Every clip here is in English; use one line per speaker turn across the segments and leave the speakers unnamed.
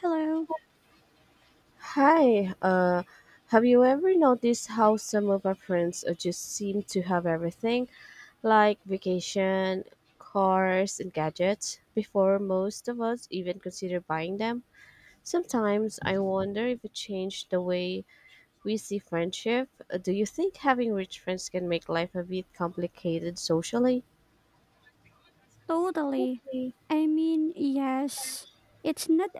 Hello.
Hi, have you ever noticed how some of our friends just seem to have everything, like vacation, cars, and gadgets, before most of us even consider buying them? Sometimes I wonder if it changed the way we see friendship. Do you think having rich friends can make life a bit complicated socially?
Totally.
Okay.
I mean, yes. It's not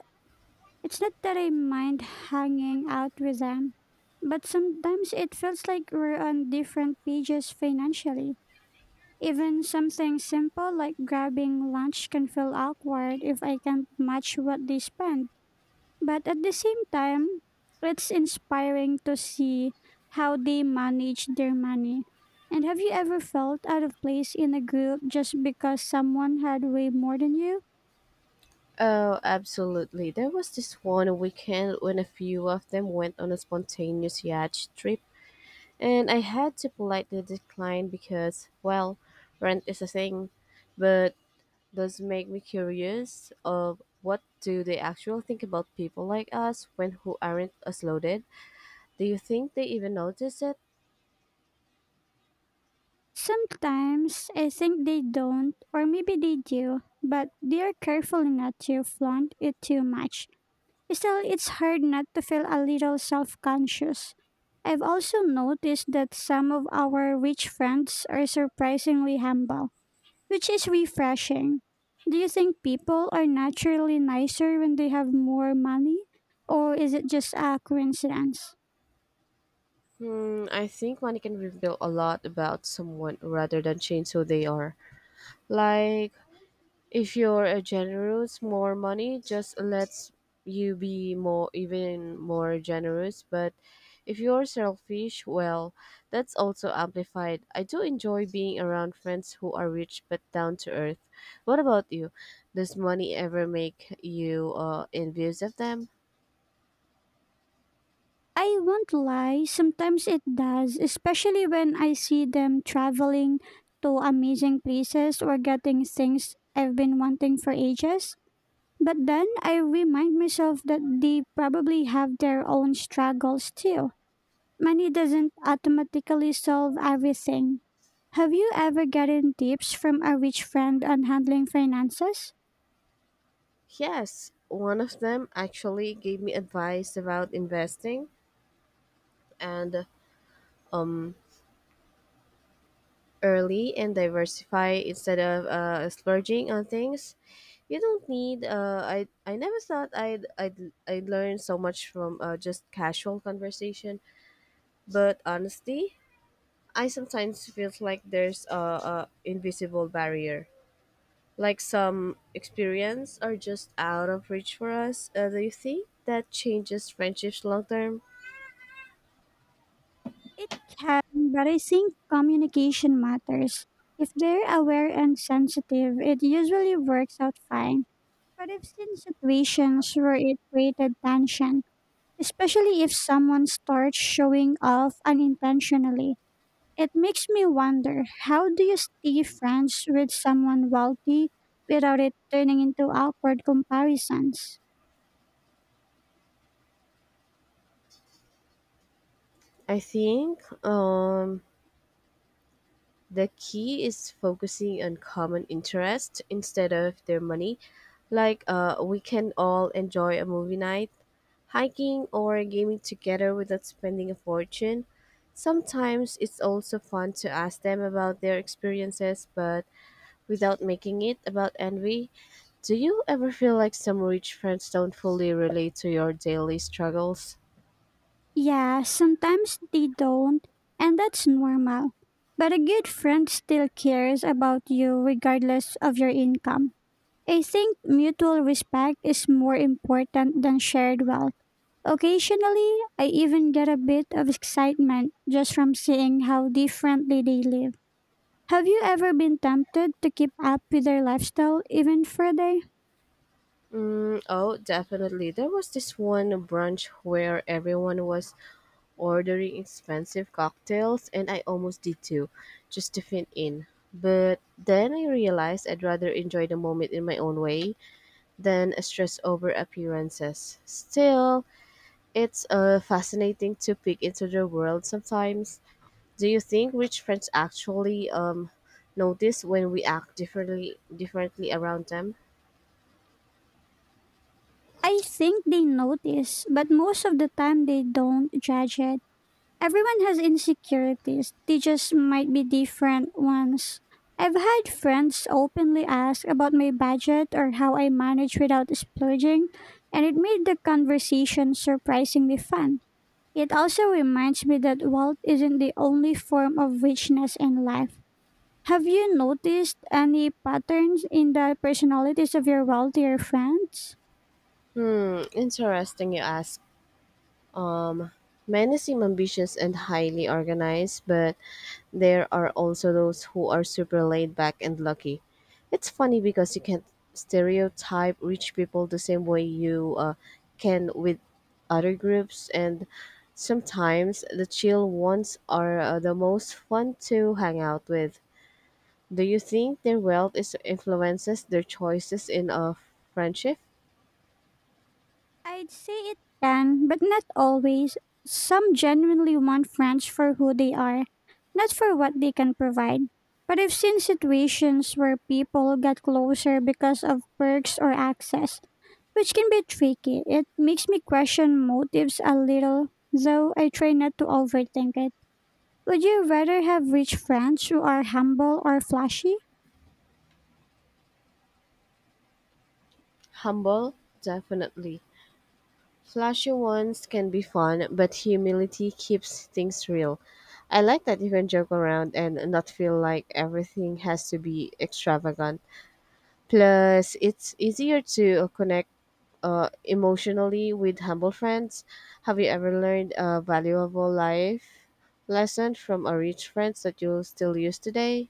it's not that I mind hanging out with them, but sometimes it feels like we're on different pages financially. Even something simple like grabbing lunch can feel awkward if I can't match what they spend. But at the same time, it's inspiring to see how they manage their money. And have you ever felt out of place in a group just because someone had way more than you?
Oh, absolutely. There was this one weekend when a few of them went on a spontaneous yacht trip, and I had to politely decline because, well, rent is a thing, but does make me curious of what do they actually think about people like us when who aren't as loaded? Do you think they even notice it?
Sometimes I think they don't, or maybe they do, but they are careful not to flaunt it too much. Still, it's hard not to feel a little self conscious. I've also noticed that some of our rich friends are surprisingly humble which is refreshing. Do you think people are naturally nicer when they have more money? Or is it just a coincidence?
Hmm, I think money can reveal a lot about someone rather than change who they are. Like, if you're a generous, more money just lets you be more even more generous. But if you're selfish, well, that's also amplified. I do enjoy being around friends who are rich but down to earth. What about you? Does money ever make you envious of them?
I won't lie, sometimes it does, especially when I see them traveling to amazing places or getting things I've been wanting for ages. But then I remind myself that they probably have their own struggles too. Money doesn't automatically solve everything. Have you ever gotten tips from a rich friend on handling finances?
Yes, one of them actually gave me advice about investing and um early and diversify instead of splurging on things you don't need. I never thought I'd learn so much from just casual conversation. But honestly, I sometimes feel like there's a invisible barrier, like some experience are just out of reach for us. Do you think that changes friendships long term?
It can, but I think communication matters. If they're aware and sensitive, it usually works out fine. But I've seen situations where it created tension, especially if someone starts showing off unintentionally. It makes me wonder how do you stay friends with someone wealthy without it turning into awkward comparisons?
I think the key is focusing on common interests instead of their money. Like, we can all enjoy a movie night, hiking, or gaming together without spending a fortune. Sometimes it's also fun to ask them about their experiences, but without making it about envy. Do you ever feel like some rich friends don't fully relate to your daily struggles?
Yeah, sometimes they don't, and that's normal. But a good friend still cares about you regardless of your income. I think mutual respect is more important than shared wealth. Occasionally, I even get a bit of excitement just from seeing how differently they live. Have you ever been tempted to keep up with their lifestyle even for a day?
Mm, oh, definitely. There was this one brunch where everyone was ordering expensive cocktails, and I almost did too, just to fit in. But then I realized I'd rather enjoy the moment in my own way than stress over appearances. Still, it's fascinating to peek into their world sometimes. Do you think rich friends actually notice when we act differently around them?
I think they notice, but most of the time they don't judge it. Everyone has insecurities, they just might be different ones. I've had friends openly ask about my budget or how I manage without splurging, and it made the conversation surprisingly fun. It also reminds me that wealth isn't the only form of richness in life. Have you noticed any patterns in the personalities of your wealthier friends?
Hmm, interesting you ask. Many seem ambitious and highly organized, but there are also those who are super laid back and lucky. It's funny because you can't stereotype rich people the same way you can with other groups, and sometimes the chill ones are the most fun to hang out with. Do you think their wealth is influences their choices in a friendship?
I'd say it can, but not always. Some genuinely want friends for who they are, not for what they can provide. But I've seen situations where people get closer because of perks or access, which can be tricky. It makes me question motives a little, though I try not to overthink it. Would you rather have rich friends who are humble or flashy?
Humble, definitely. Flashy ones can be fun, but humility keeps things real. I like that you can joke around and not feel like everything has to be extravagant. Plus, it's easier to connect emotionally with humble friends. Have you ever learned a valuable life lesson from a rich friend that you still use today?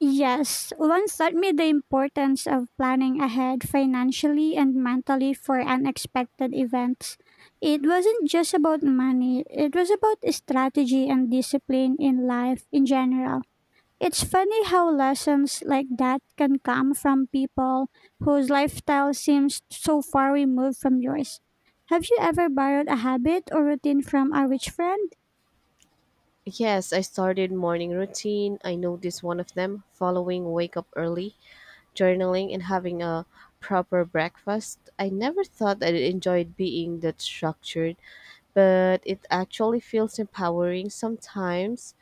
Yes, once taught me the importance of planning ahead financially and mentally for unexpected events. It wasn't just about money, it was about strategy and discipline in life in general. It's funny how lessons like that can come from people whose lifestyle seems so far removed from yours. Have you ever borrowed a habit or routine from a rich friend?
Yes, I started morning routine. I noticed one of them following wake up early journaling and having a proper breakfast. I never thought I enjoyed being that structured, but it actually feels empowering sometimes.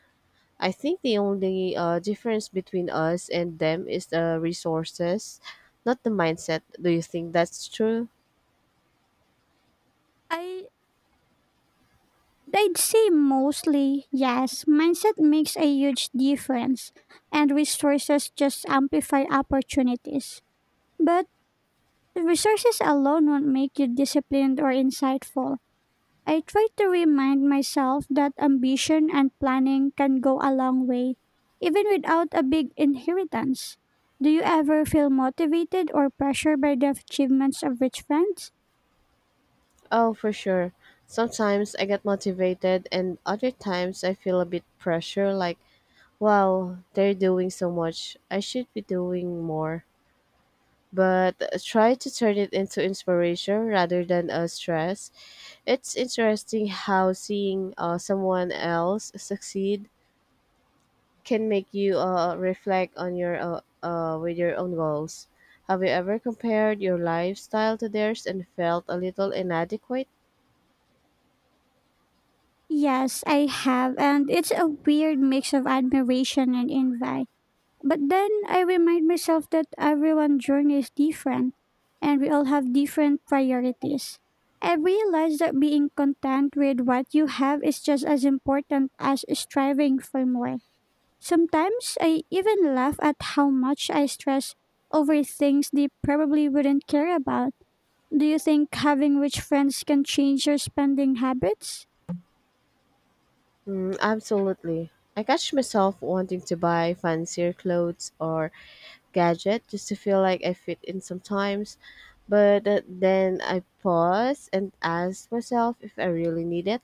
I think the only difference between us and them is the resources, not the mindset. Do you think that's true?
I I'd say mostly yes. Mindset makes a huge difference, and resources just amplify opportunities. But resources alone won't make you disciplined or insightful. I try to remind myself that ambition and planning can go a long way, even without a big inheritance. Do you ever feel motivated or pressured by the achievements of rich friends?
Oh, for sure. Sometimes I get motivated, and other times I feel a bit pressure like, wow, they're doing so much. I should be doing more, but try to turn it into inspiration rather than a stress. It's interesting how seeing someone else succeed can make you reflect on your with your own goals. Have you ever compared your lifestyle to theirs and felt a little inadequate?
Yes, I have, and it's a weird mix of admiration and envy. But then I remind myself that everyone's journey is different and we all have different priorities. I realize that being content with what you have is just as important as striving for more. Sometimes I even laugh at how much I stress over things they probably wouldn't care about. Do you think having rich friends can change your spending habits?
Mm, absolutely. I catch myself wanting to buy fancier clothes or gadget just to feel like I fit in sometimes. But then I pause and ask myself if I really need it,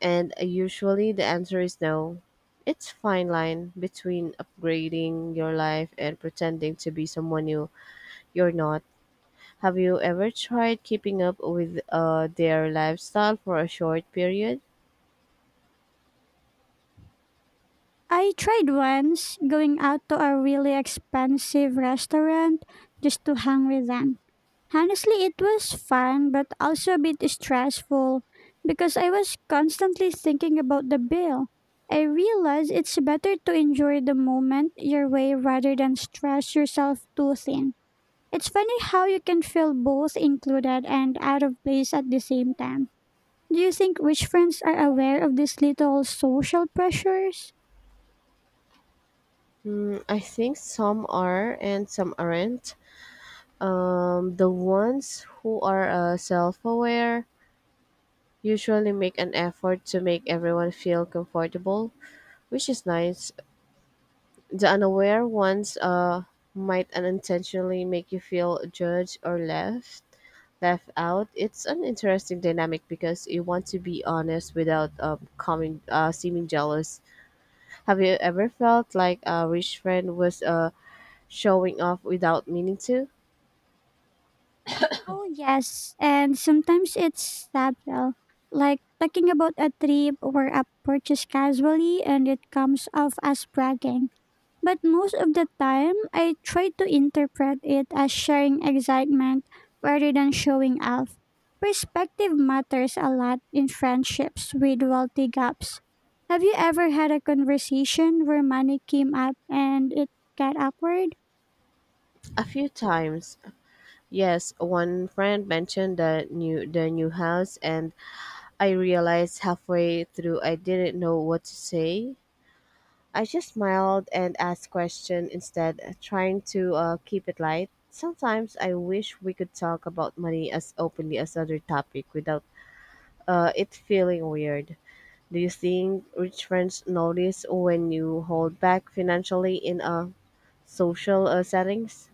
and usually the answer is no. It's fine line between upgrading your life and pretending to be someone you're not. Have you ever tried keeping up with their lifestyle for a short period?
I tried once going out to a really expensive restaurant just to hang with them. Honestly, it was fun but also a bit stressful because I was constantly thinking about the bill. I realized it's better to enjoy the moment your way rather than stress yourself too thin. It's funny how you can feel both included and out of place at the same time. Do you think rich friends are aware of these little social pressures?
Mm, I think some are and some aren't. The ones who are self aware usually make an effort to make everyone feel comfortable, which is nice. The unaware ones might unintentionally make you feel judged or left out. It's an interesting dynamic because you want to be honest without coming, seeming jealous. Have you ever felt like a rich friend was showing off without meaning to?
Oh, yes. And sometimes it's subtle, like talking about a trip or a purchase casually and it comes off as bragging. But most of the time, I try to interpret it as sharing excitement rather than showing off. Perspective matters a lot in friendships with wealthy gaps. Have you ever had a conversation where money came up and it got awkward?
A few times. Yes, one friend mentioned the new house and I realized halfway through I didn't know what to say. I just smiled and asked questions instead, trying to keep it light. Sometimes I wish we could talk about money as openly as other topic without it feeling weird. Do you think rich friends notice when you hold back financially in a social settings?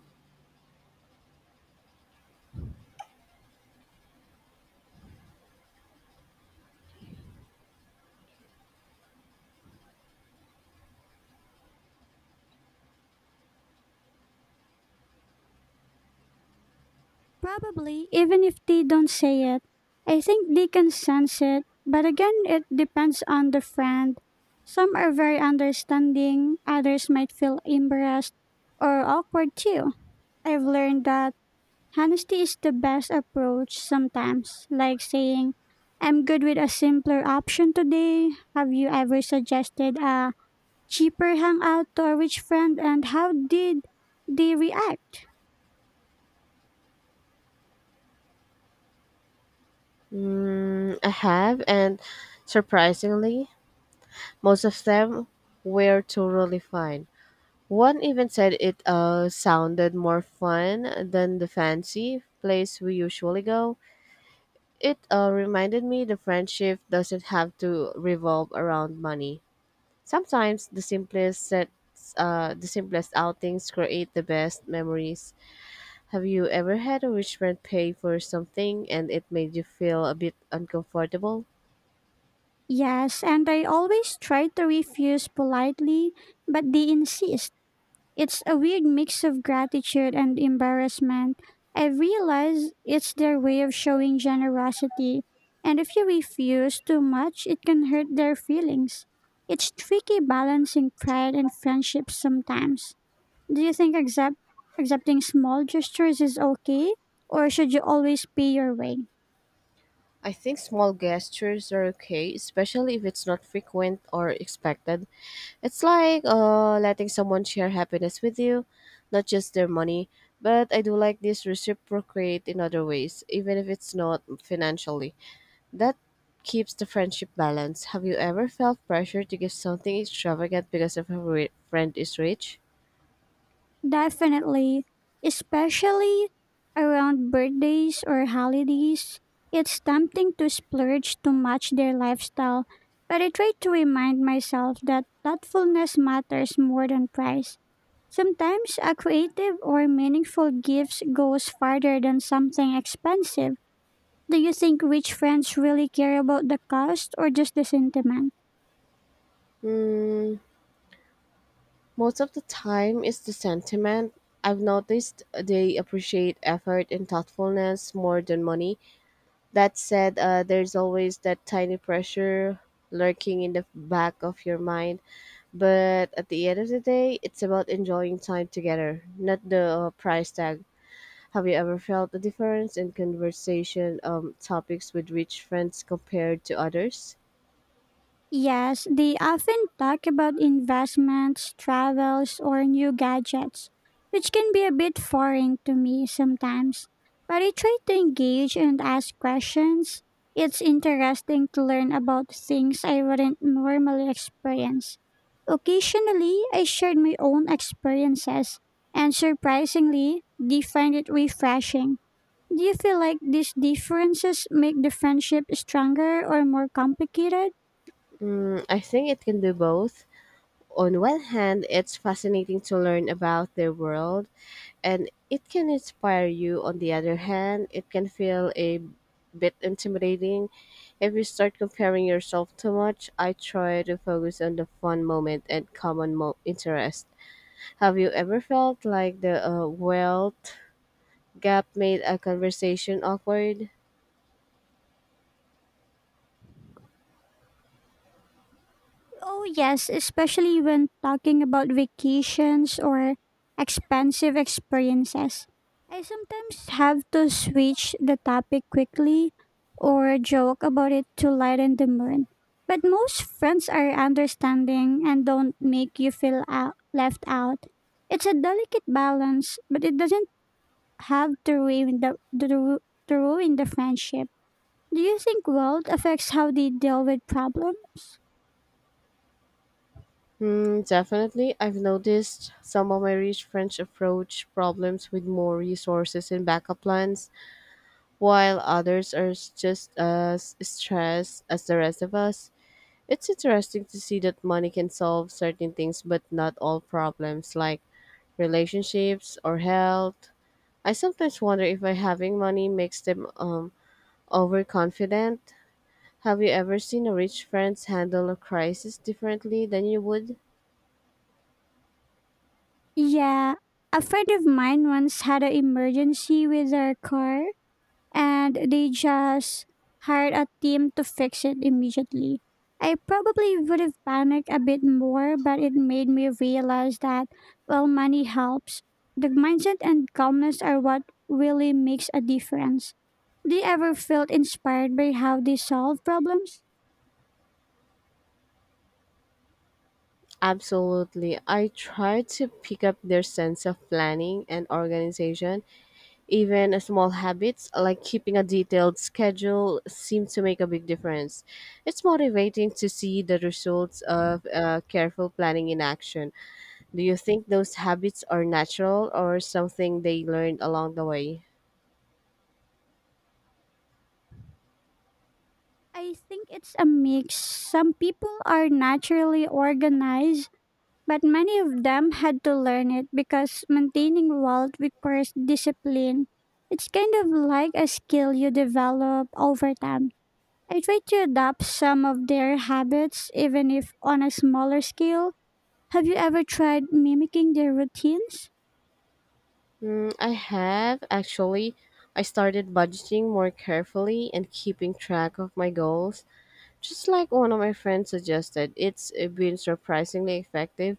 Probably, even if they don't say it. I think they can sense it, but again, it depends on the friend. Some are very understanding, others might feel embarrassed or awkward too. I've learned that honesty is the best approach sometimes, like saying, I'm good with a simpler option today. Have you ever suggested a cheaper hangout to a rich friend and how did they react?
Mm, I have, and surprisingly, most of them were totally fine. One even said it sounded more fun than the fancy place we usually go. It reminded me the friendship doesn't have to revolve around money. Sometimes the simplest outings create the best memories. Have you ever had a rich friend pay for something and it made you feel a bit uncomfortable?
Yes, and I always try to refuse politely, but they insist. It's a weird mix of gratitude and embarrassment. I realize it's their way of showing generosity, and if you refuse too much, it can hurt their feelings. It's tricky balancing pride and friendship sometimes. Do you think accepting small gestures is okay, or should you always pay your way?
I think small gestures are okay, especially if it's not frequent or expected. It's like letting someone share happiness with you, not just their money. But I do like this reciprocate in other ways, even if it's not financially. That keeps the friendship balance. Have you ever felt pressure to give something extravagant because of a friend is rich?
Definitely, especially around birthdays or holidays, it's tempting to splurge to match their lifestyle, but I try to remind myself that thoughtfulness matters more than price. Sometimes a creative or meaningful gift goes farther than something expensive. Do you think rich friends really care about the cost or just the sentiment?
Mm, most of the time, it's the sentiment. I've noticed they appreciate effort and thoughtfulness more than money. That said, there's always that tiny pressure lurking in the back of your mind. But at the end of the day, it's about enjoying time together, not the price tag. Have you ever felt the difference in conversation topics with rich friends compared to others?
Yes, they often talk about investments, travels, or new gadgets, which can be a bit foreign to me sometimes. But I try to engage and ask questions. It's interesting to learn about things I wouldn't normally experience. Occasionally, I share my own experiences, and surprisingly, they find it refreshing. Do you feel like these differences make the friendship stronger or more complicated?
Mm, I think it can do both. On one hand, it's fascinating to learn about their world and it can inspire you. On the other hand, it can feel a bit intimidating if you start comparing yourself too much. I try to focus on the fun moment and common interest. Have you ever felt like the wealth gap made a conversation awkward?
Oh, yes, especially when talking about vacations or expensive experiences. I sometimes have to switch the topic quickly or joke about it to lighten the mood. But most friends are understanding and don't make you feel out, left out. It's a delicate balance, but it doesn't have to ruin to ruin the friendship. Do you think world affects how they deal with problems?
Hmm, definitely. I've noticed some of my rich friends approach problems with more resources and backup plans, while others are just as stressed as the rest of us. It's interesting to see that money can solve certain things, but not all problems, like relationships or health. I sometimes wonder if by having money makes them overconfident. Have you ever seen a rich friend handle a crisis differently than you would?
Yeah, a friend of mine once had an emergency with her car and they just hired a team to fix it immediately. I probably would have panicked a bit more, but it made me realize that while money helps, the mindset and calmness are what really makes a difference. Do you ever feel inspired by how they solve problems?
Absolutely. I try to pick up their sense of planning and organization. Even small habits like keeping a detailed schedule seem to make a big difference. It's motivating to see the results of careful planning in action. Do you think those habits are natural or something they learned along the way?
I think it's a mix. Some people are naturally organized, but many of them had to learn it because maintaining wealth requires discipline. It's kind of like a skill you develop over time. I try to adapt some of their habits, even if on a smaller scale. Have you ever tried mimicking their routines?
Mm, I have actually. I started budgeting more carefully and keeping track of my goals. Just like one of my friends suggested, it's been surprisingly effective.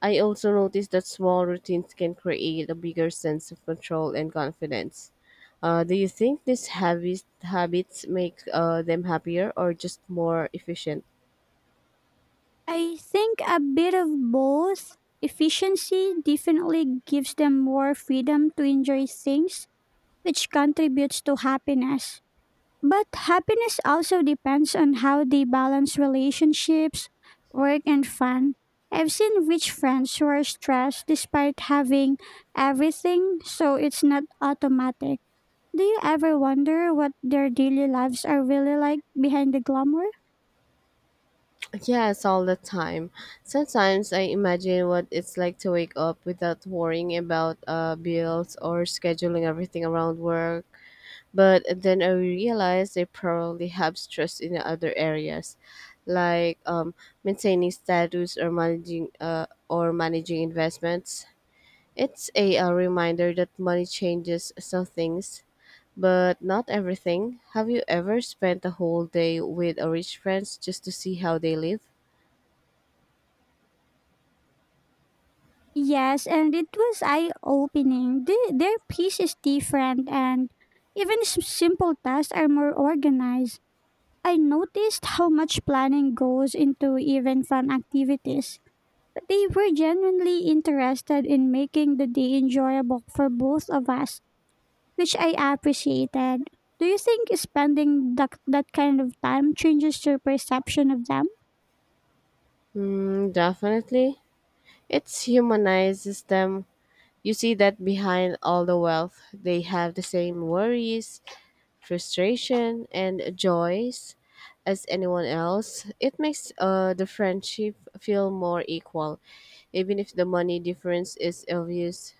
I also noticed that small routines can create a bigger sense of control and confidence. Do you think these habits make them happier or just more efficient?
I think a bit of both. Efficiency definitely gives them more freedom to enjoy things, which contributes to happiness. But happiness also depends on how they balance relationships, work, and fun. I've seen rich friends who are stressed despite having everything, so it's not automatic. Do you ever wonder what their daily lives are really like behind the glamour?
Yes, all the time. Sometimes I imagine what it's like to wake up without worrying about bills or scheduling everything around work. But then I realized they probably have stress in other areas, like maintaining status or managing investments. It's a, reminder that money changes some things, but not everything. Have you ever spent a whole day with a rich friends just to see how they live?
Yes, and it was eye opening. Their piece is different, and even simple tasks are more organized. I noticed how much planning goes into even fun activities. They were genuinely interested in making the day enjoyable for both of us, which I appreciated. Do you think spending that kind of time changes your perception of them?
Mm, definitely. It humanizes them. You see that behind all the wealth, they have the same worries, frustration and joys as anyone else. It makes the friendship feel more equal, even if the money difference is obvious.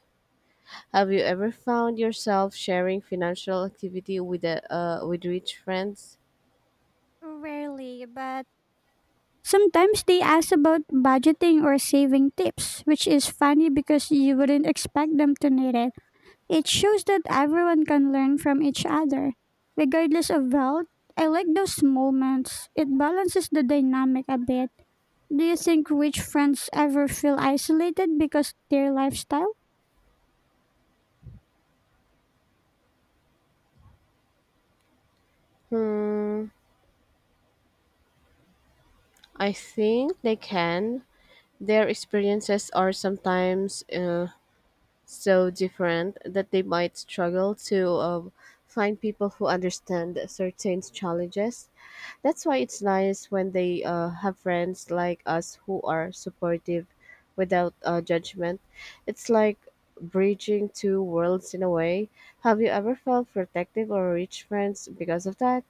Have you ever found yourself sharing financial activity with a, with rich friends?
Rarely, but sometimes they ask about budgeting or saving tips, which is funny because you wouldn't expect them to need it. It shows that everyone can learn from each other, regardless of wealth. I like those moments. It balances the dynamic a bit. Do you think rich friends ever feel isolated because their lifestyle?
Hmm, I think they can. Their experiences are sometimes so different that they might struggle to find people who understand certain challenges. That's why it's nice when they have friends like us who are supportive without judgment. It's like bridging two worlds in a way. Have you ever felt protective or rich friends because of that?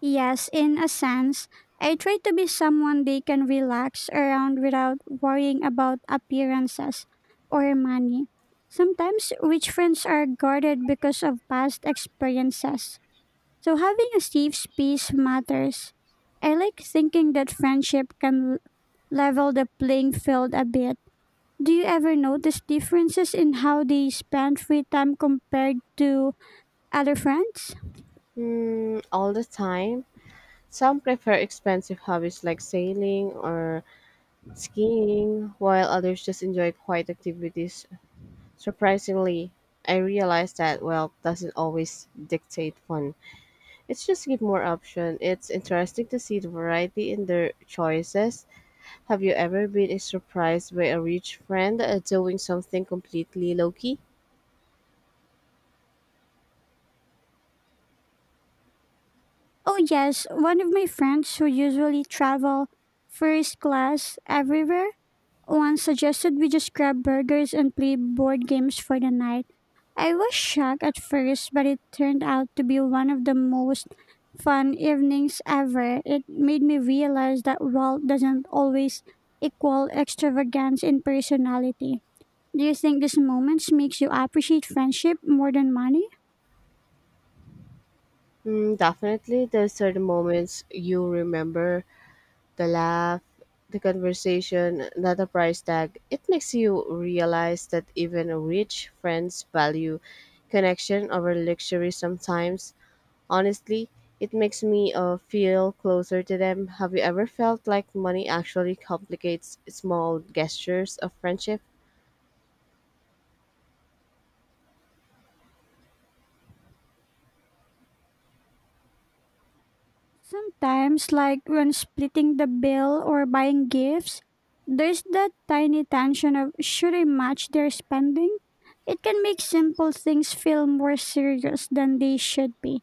Yes, in a sense, I try to be someone they can relax around without worrying about appearances or money. Sometimes rich friends are guarded because of past experiences, so having a safe space matters. I like thinking that friendship can level the playing field a bit. Do you ever notice differences in how they spend free time compared to other friends?
Hmm, all the time. Some prefer expensive hobbies like sailing or skiing, while others just enjoy quiet activities. Surprisingly, I realized that wealth doesn't always dictate fun. It's just give more option. It's interesting to see the variety in their choices. Have you ever been surprised by a rich friend doing something completely low key?
Oh, yes. One of my friends who usually travel first class everywhere once suggested we just grab burgers and play board games for the night. I was shocked at first, but it turned out to be one of the most fun evenings ever. It made me realize that wealth doesn't always equal extravagance in personality. Do you think these moments makes you appreciate friendship more than money?
Mm, definitely, those are the moments you remember the laugh, the conversation, not the price tag. It makes you realize that even rich friends value connection over luxury sometimes. Honestly, it makes me feel closer to them. Have you ever felt like money actually complicates small gestures of friendship?
Sometimes, like when splitting the bill or buying gifts, there's that tiny tension of should I match their spending? It can make simple things feel more serious than they should be.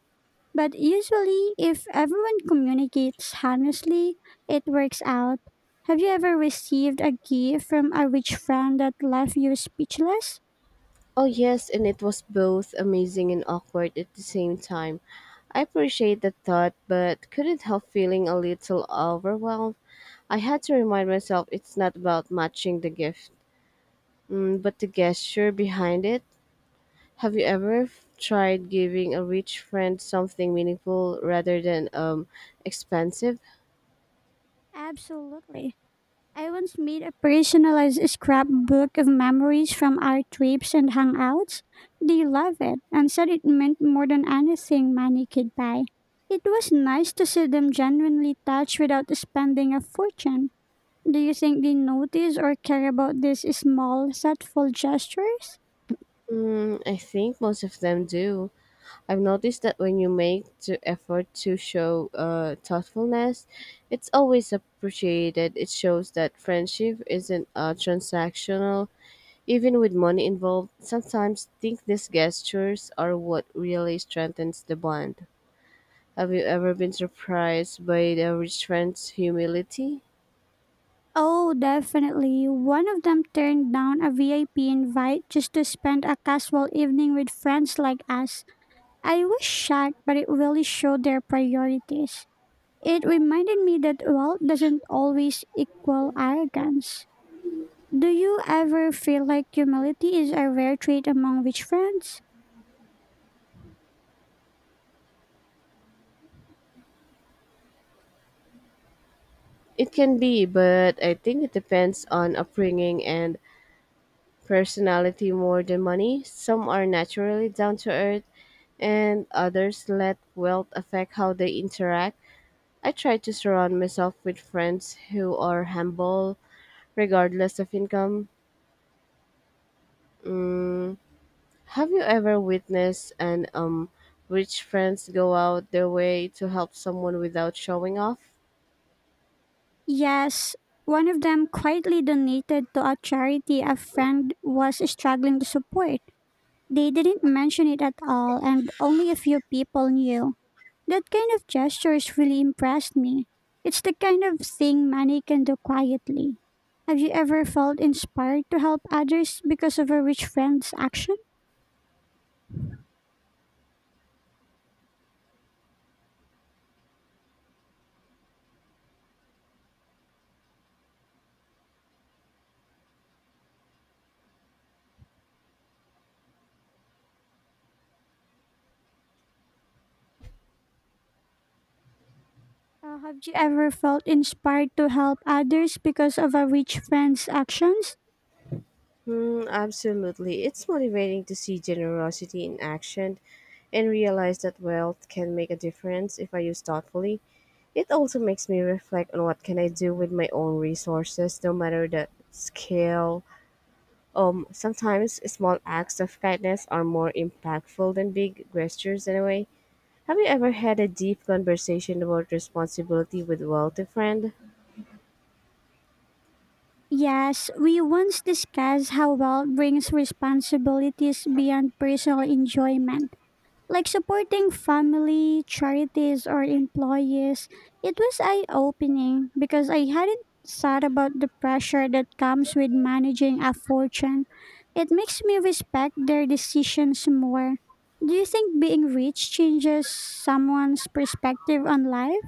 But usually, if everyone communicates honestly, it works out. Have you ever received a gift from a rich friend that left you speechless?
Oh, yes, and it was both amazing and awkward at the same time. I appreciate the thought, but couldn't help feeling a little overwhelmed. I had to remind myself it's not about matching the gift, mm, but the gesture behind it. Have you ever tried giving a rich friend something meaningful rather than expensive?
Absolutely. I once made a personalized scrapbook of memories from our trips and hangouts. They loved it and said it meant more than anything money could buy. It was nice to see them genuinely touched without spending a fortune. Do you think they notice or care about these small, thoughtful gestures?
Mm, I think most of them do. I've noticed that when you make the effort to show thoughtfulness, it's always appreciated. It shows that friendship isn't transactional. Even with money involved, sometimes think these gestures are what really strengthens the bond. Have you ever been surprised by the rich friend's humility?
Oh, definitely. One of them turned down a VIP invite just to spend a casual evening with friends like us. I was shocked, but it really showed their priorities. It reminded me that wealth doesn't always equal arrogance. Do you ever feel like humility is a rare trait among rich friends?
It can be, but I think it depends on upbringing and personality more than money. Some are naturally down to earth, and others let wealth affect how they interact. I try to surround myself with friends who are humble, regardless of income. Have you ever witnessed an rich friends go out their way to help someone without showing off?
Yes, one of them quietly donated to a charity a friend was struggling to support. They didn't mention it at all, and only a few people knew. That kind of gestures really impressed me. It's the kind of thing money can do quietly. Have you ever felt inspired to help others because of a rich friend's action? Have you ever felt inspired to help others because of a rich friend's actions?
Hmm, absolutely. It's motivating to see generosity in action and realize that wealth can make a difference if I use thoughtfully. It also makes me reflect on what can I do with my own resources, no matter the scale. Sometimes small acts of kindness are more impactful than big gestures in a way. Have you ever had a deep conversation about responsibility with wealthy friend?
Yes, we once discussed how wealth brings responsibilities beyond personal enjoyment, like supporting family, charities, or employees. It was eye opening because I hadn't thought about the pressure that comes with managing a fortune. It makes me respect their decisions more. Do you think being rich changes someone's perspective on life?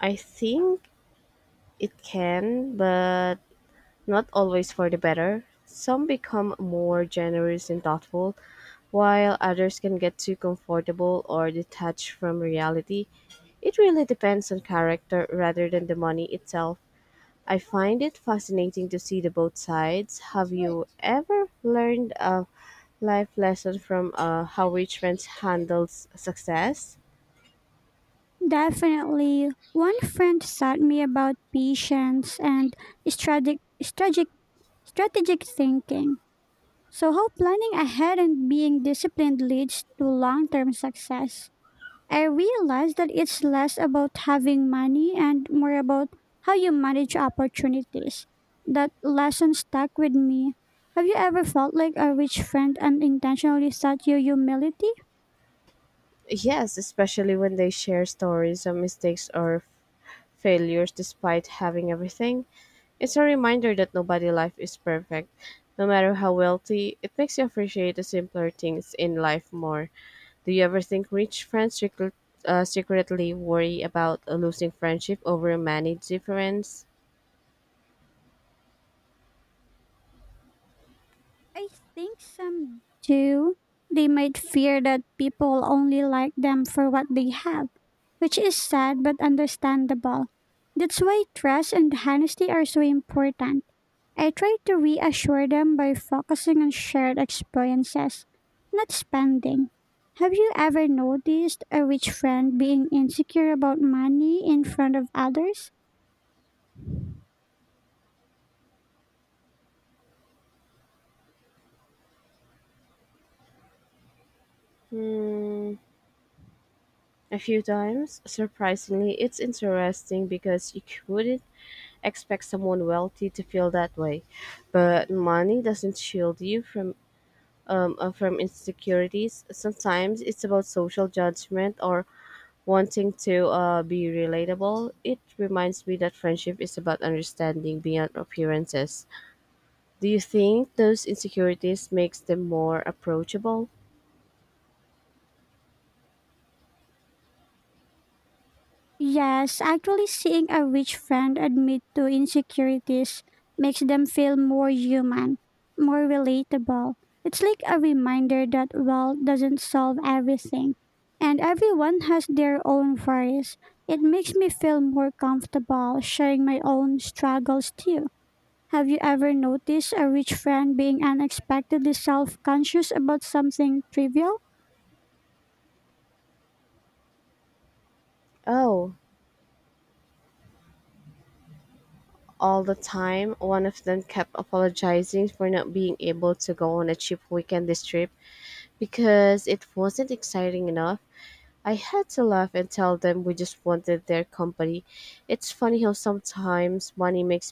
I think it can, but not always for the better. Some become more generous and thoughtful, while others can get too comfortable or detached from reality. It really depends on character rather than the money itself. I find it fascinating to see the both sides. Have you ever learned a life lesson from how rich friends handles success?
Definitely. One friend taught me about patience and strategic, strategic, strategic thinking. So, how planning ahead and being disciplined leads to long term success. I realized that it's less about having money and more about how you manage opportunities. That lesson stuck with me. Have you ever felt like a rich friend unintentionally taught you humility?
Yes, especially when they share stories of mistakes or failures despite having everything. It's a reminder that nobody's life is perfect. No matter how wealthy, it makes you appreciate the simpler things in life more. Do you ever think rich friends secretly worry about losing friendship over a money difference?
I think some do. They might fear that people only like them for what they have, which is sad but understandable. That's why trust and honesty are so important. I try to reassure them by focusing on shared experiences, not spending. Have you ever noticed a rich friend being insecure about money in front of others?
Hmm, a few times. Surprisingly, it's interesting because you wouldn't expect someone wealthy to feel that way. But money doesn't shield you from insecurities. Sometimes it's about social judgment or wanting to be relatable. It reminds me that friendship is about understanding beyond appearances. Do you think those insecurities makes them more approachable?
Yes, actually seeing a rich friend admit to insecurities makes them feel more human, more relatable. It's like a reminder that wealth doesn't solve everything, and everyone has their own worries. It makes me feel more comfortable sharing my own struggles too. Have you ever noticed a rich friend being unexpectedly self conscious about something trivial?
Oh, all the time. One of them kept apologizing for not being able to go on a cheap weekend this trip because it wasn't exciting enough. I had to laugh and tell them we just wanted their company. It's funny how sometimes money makes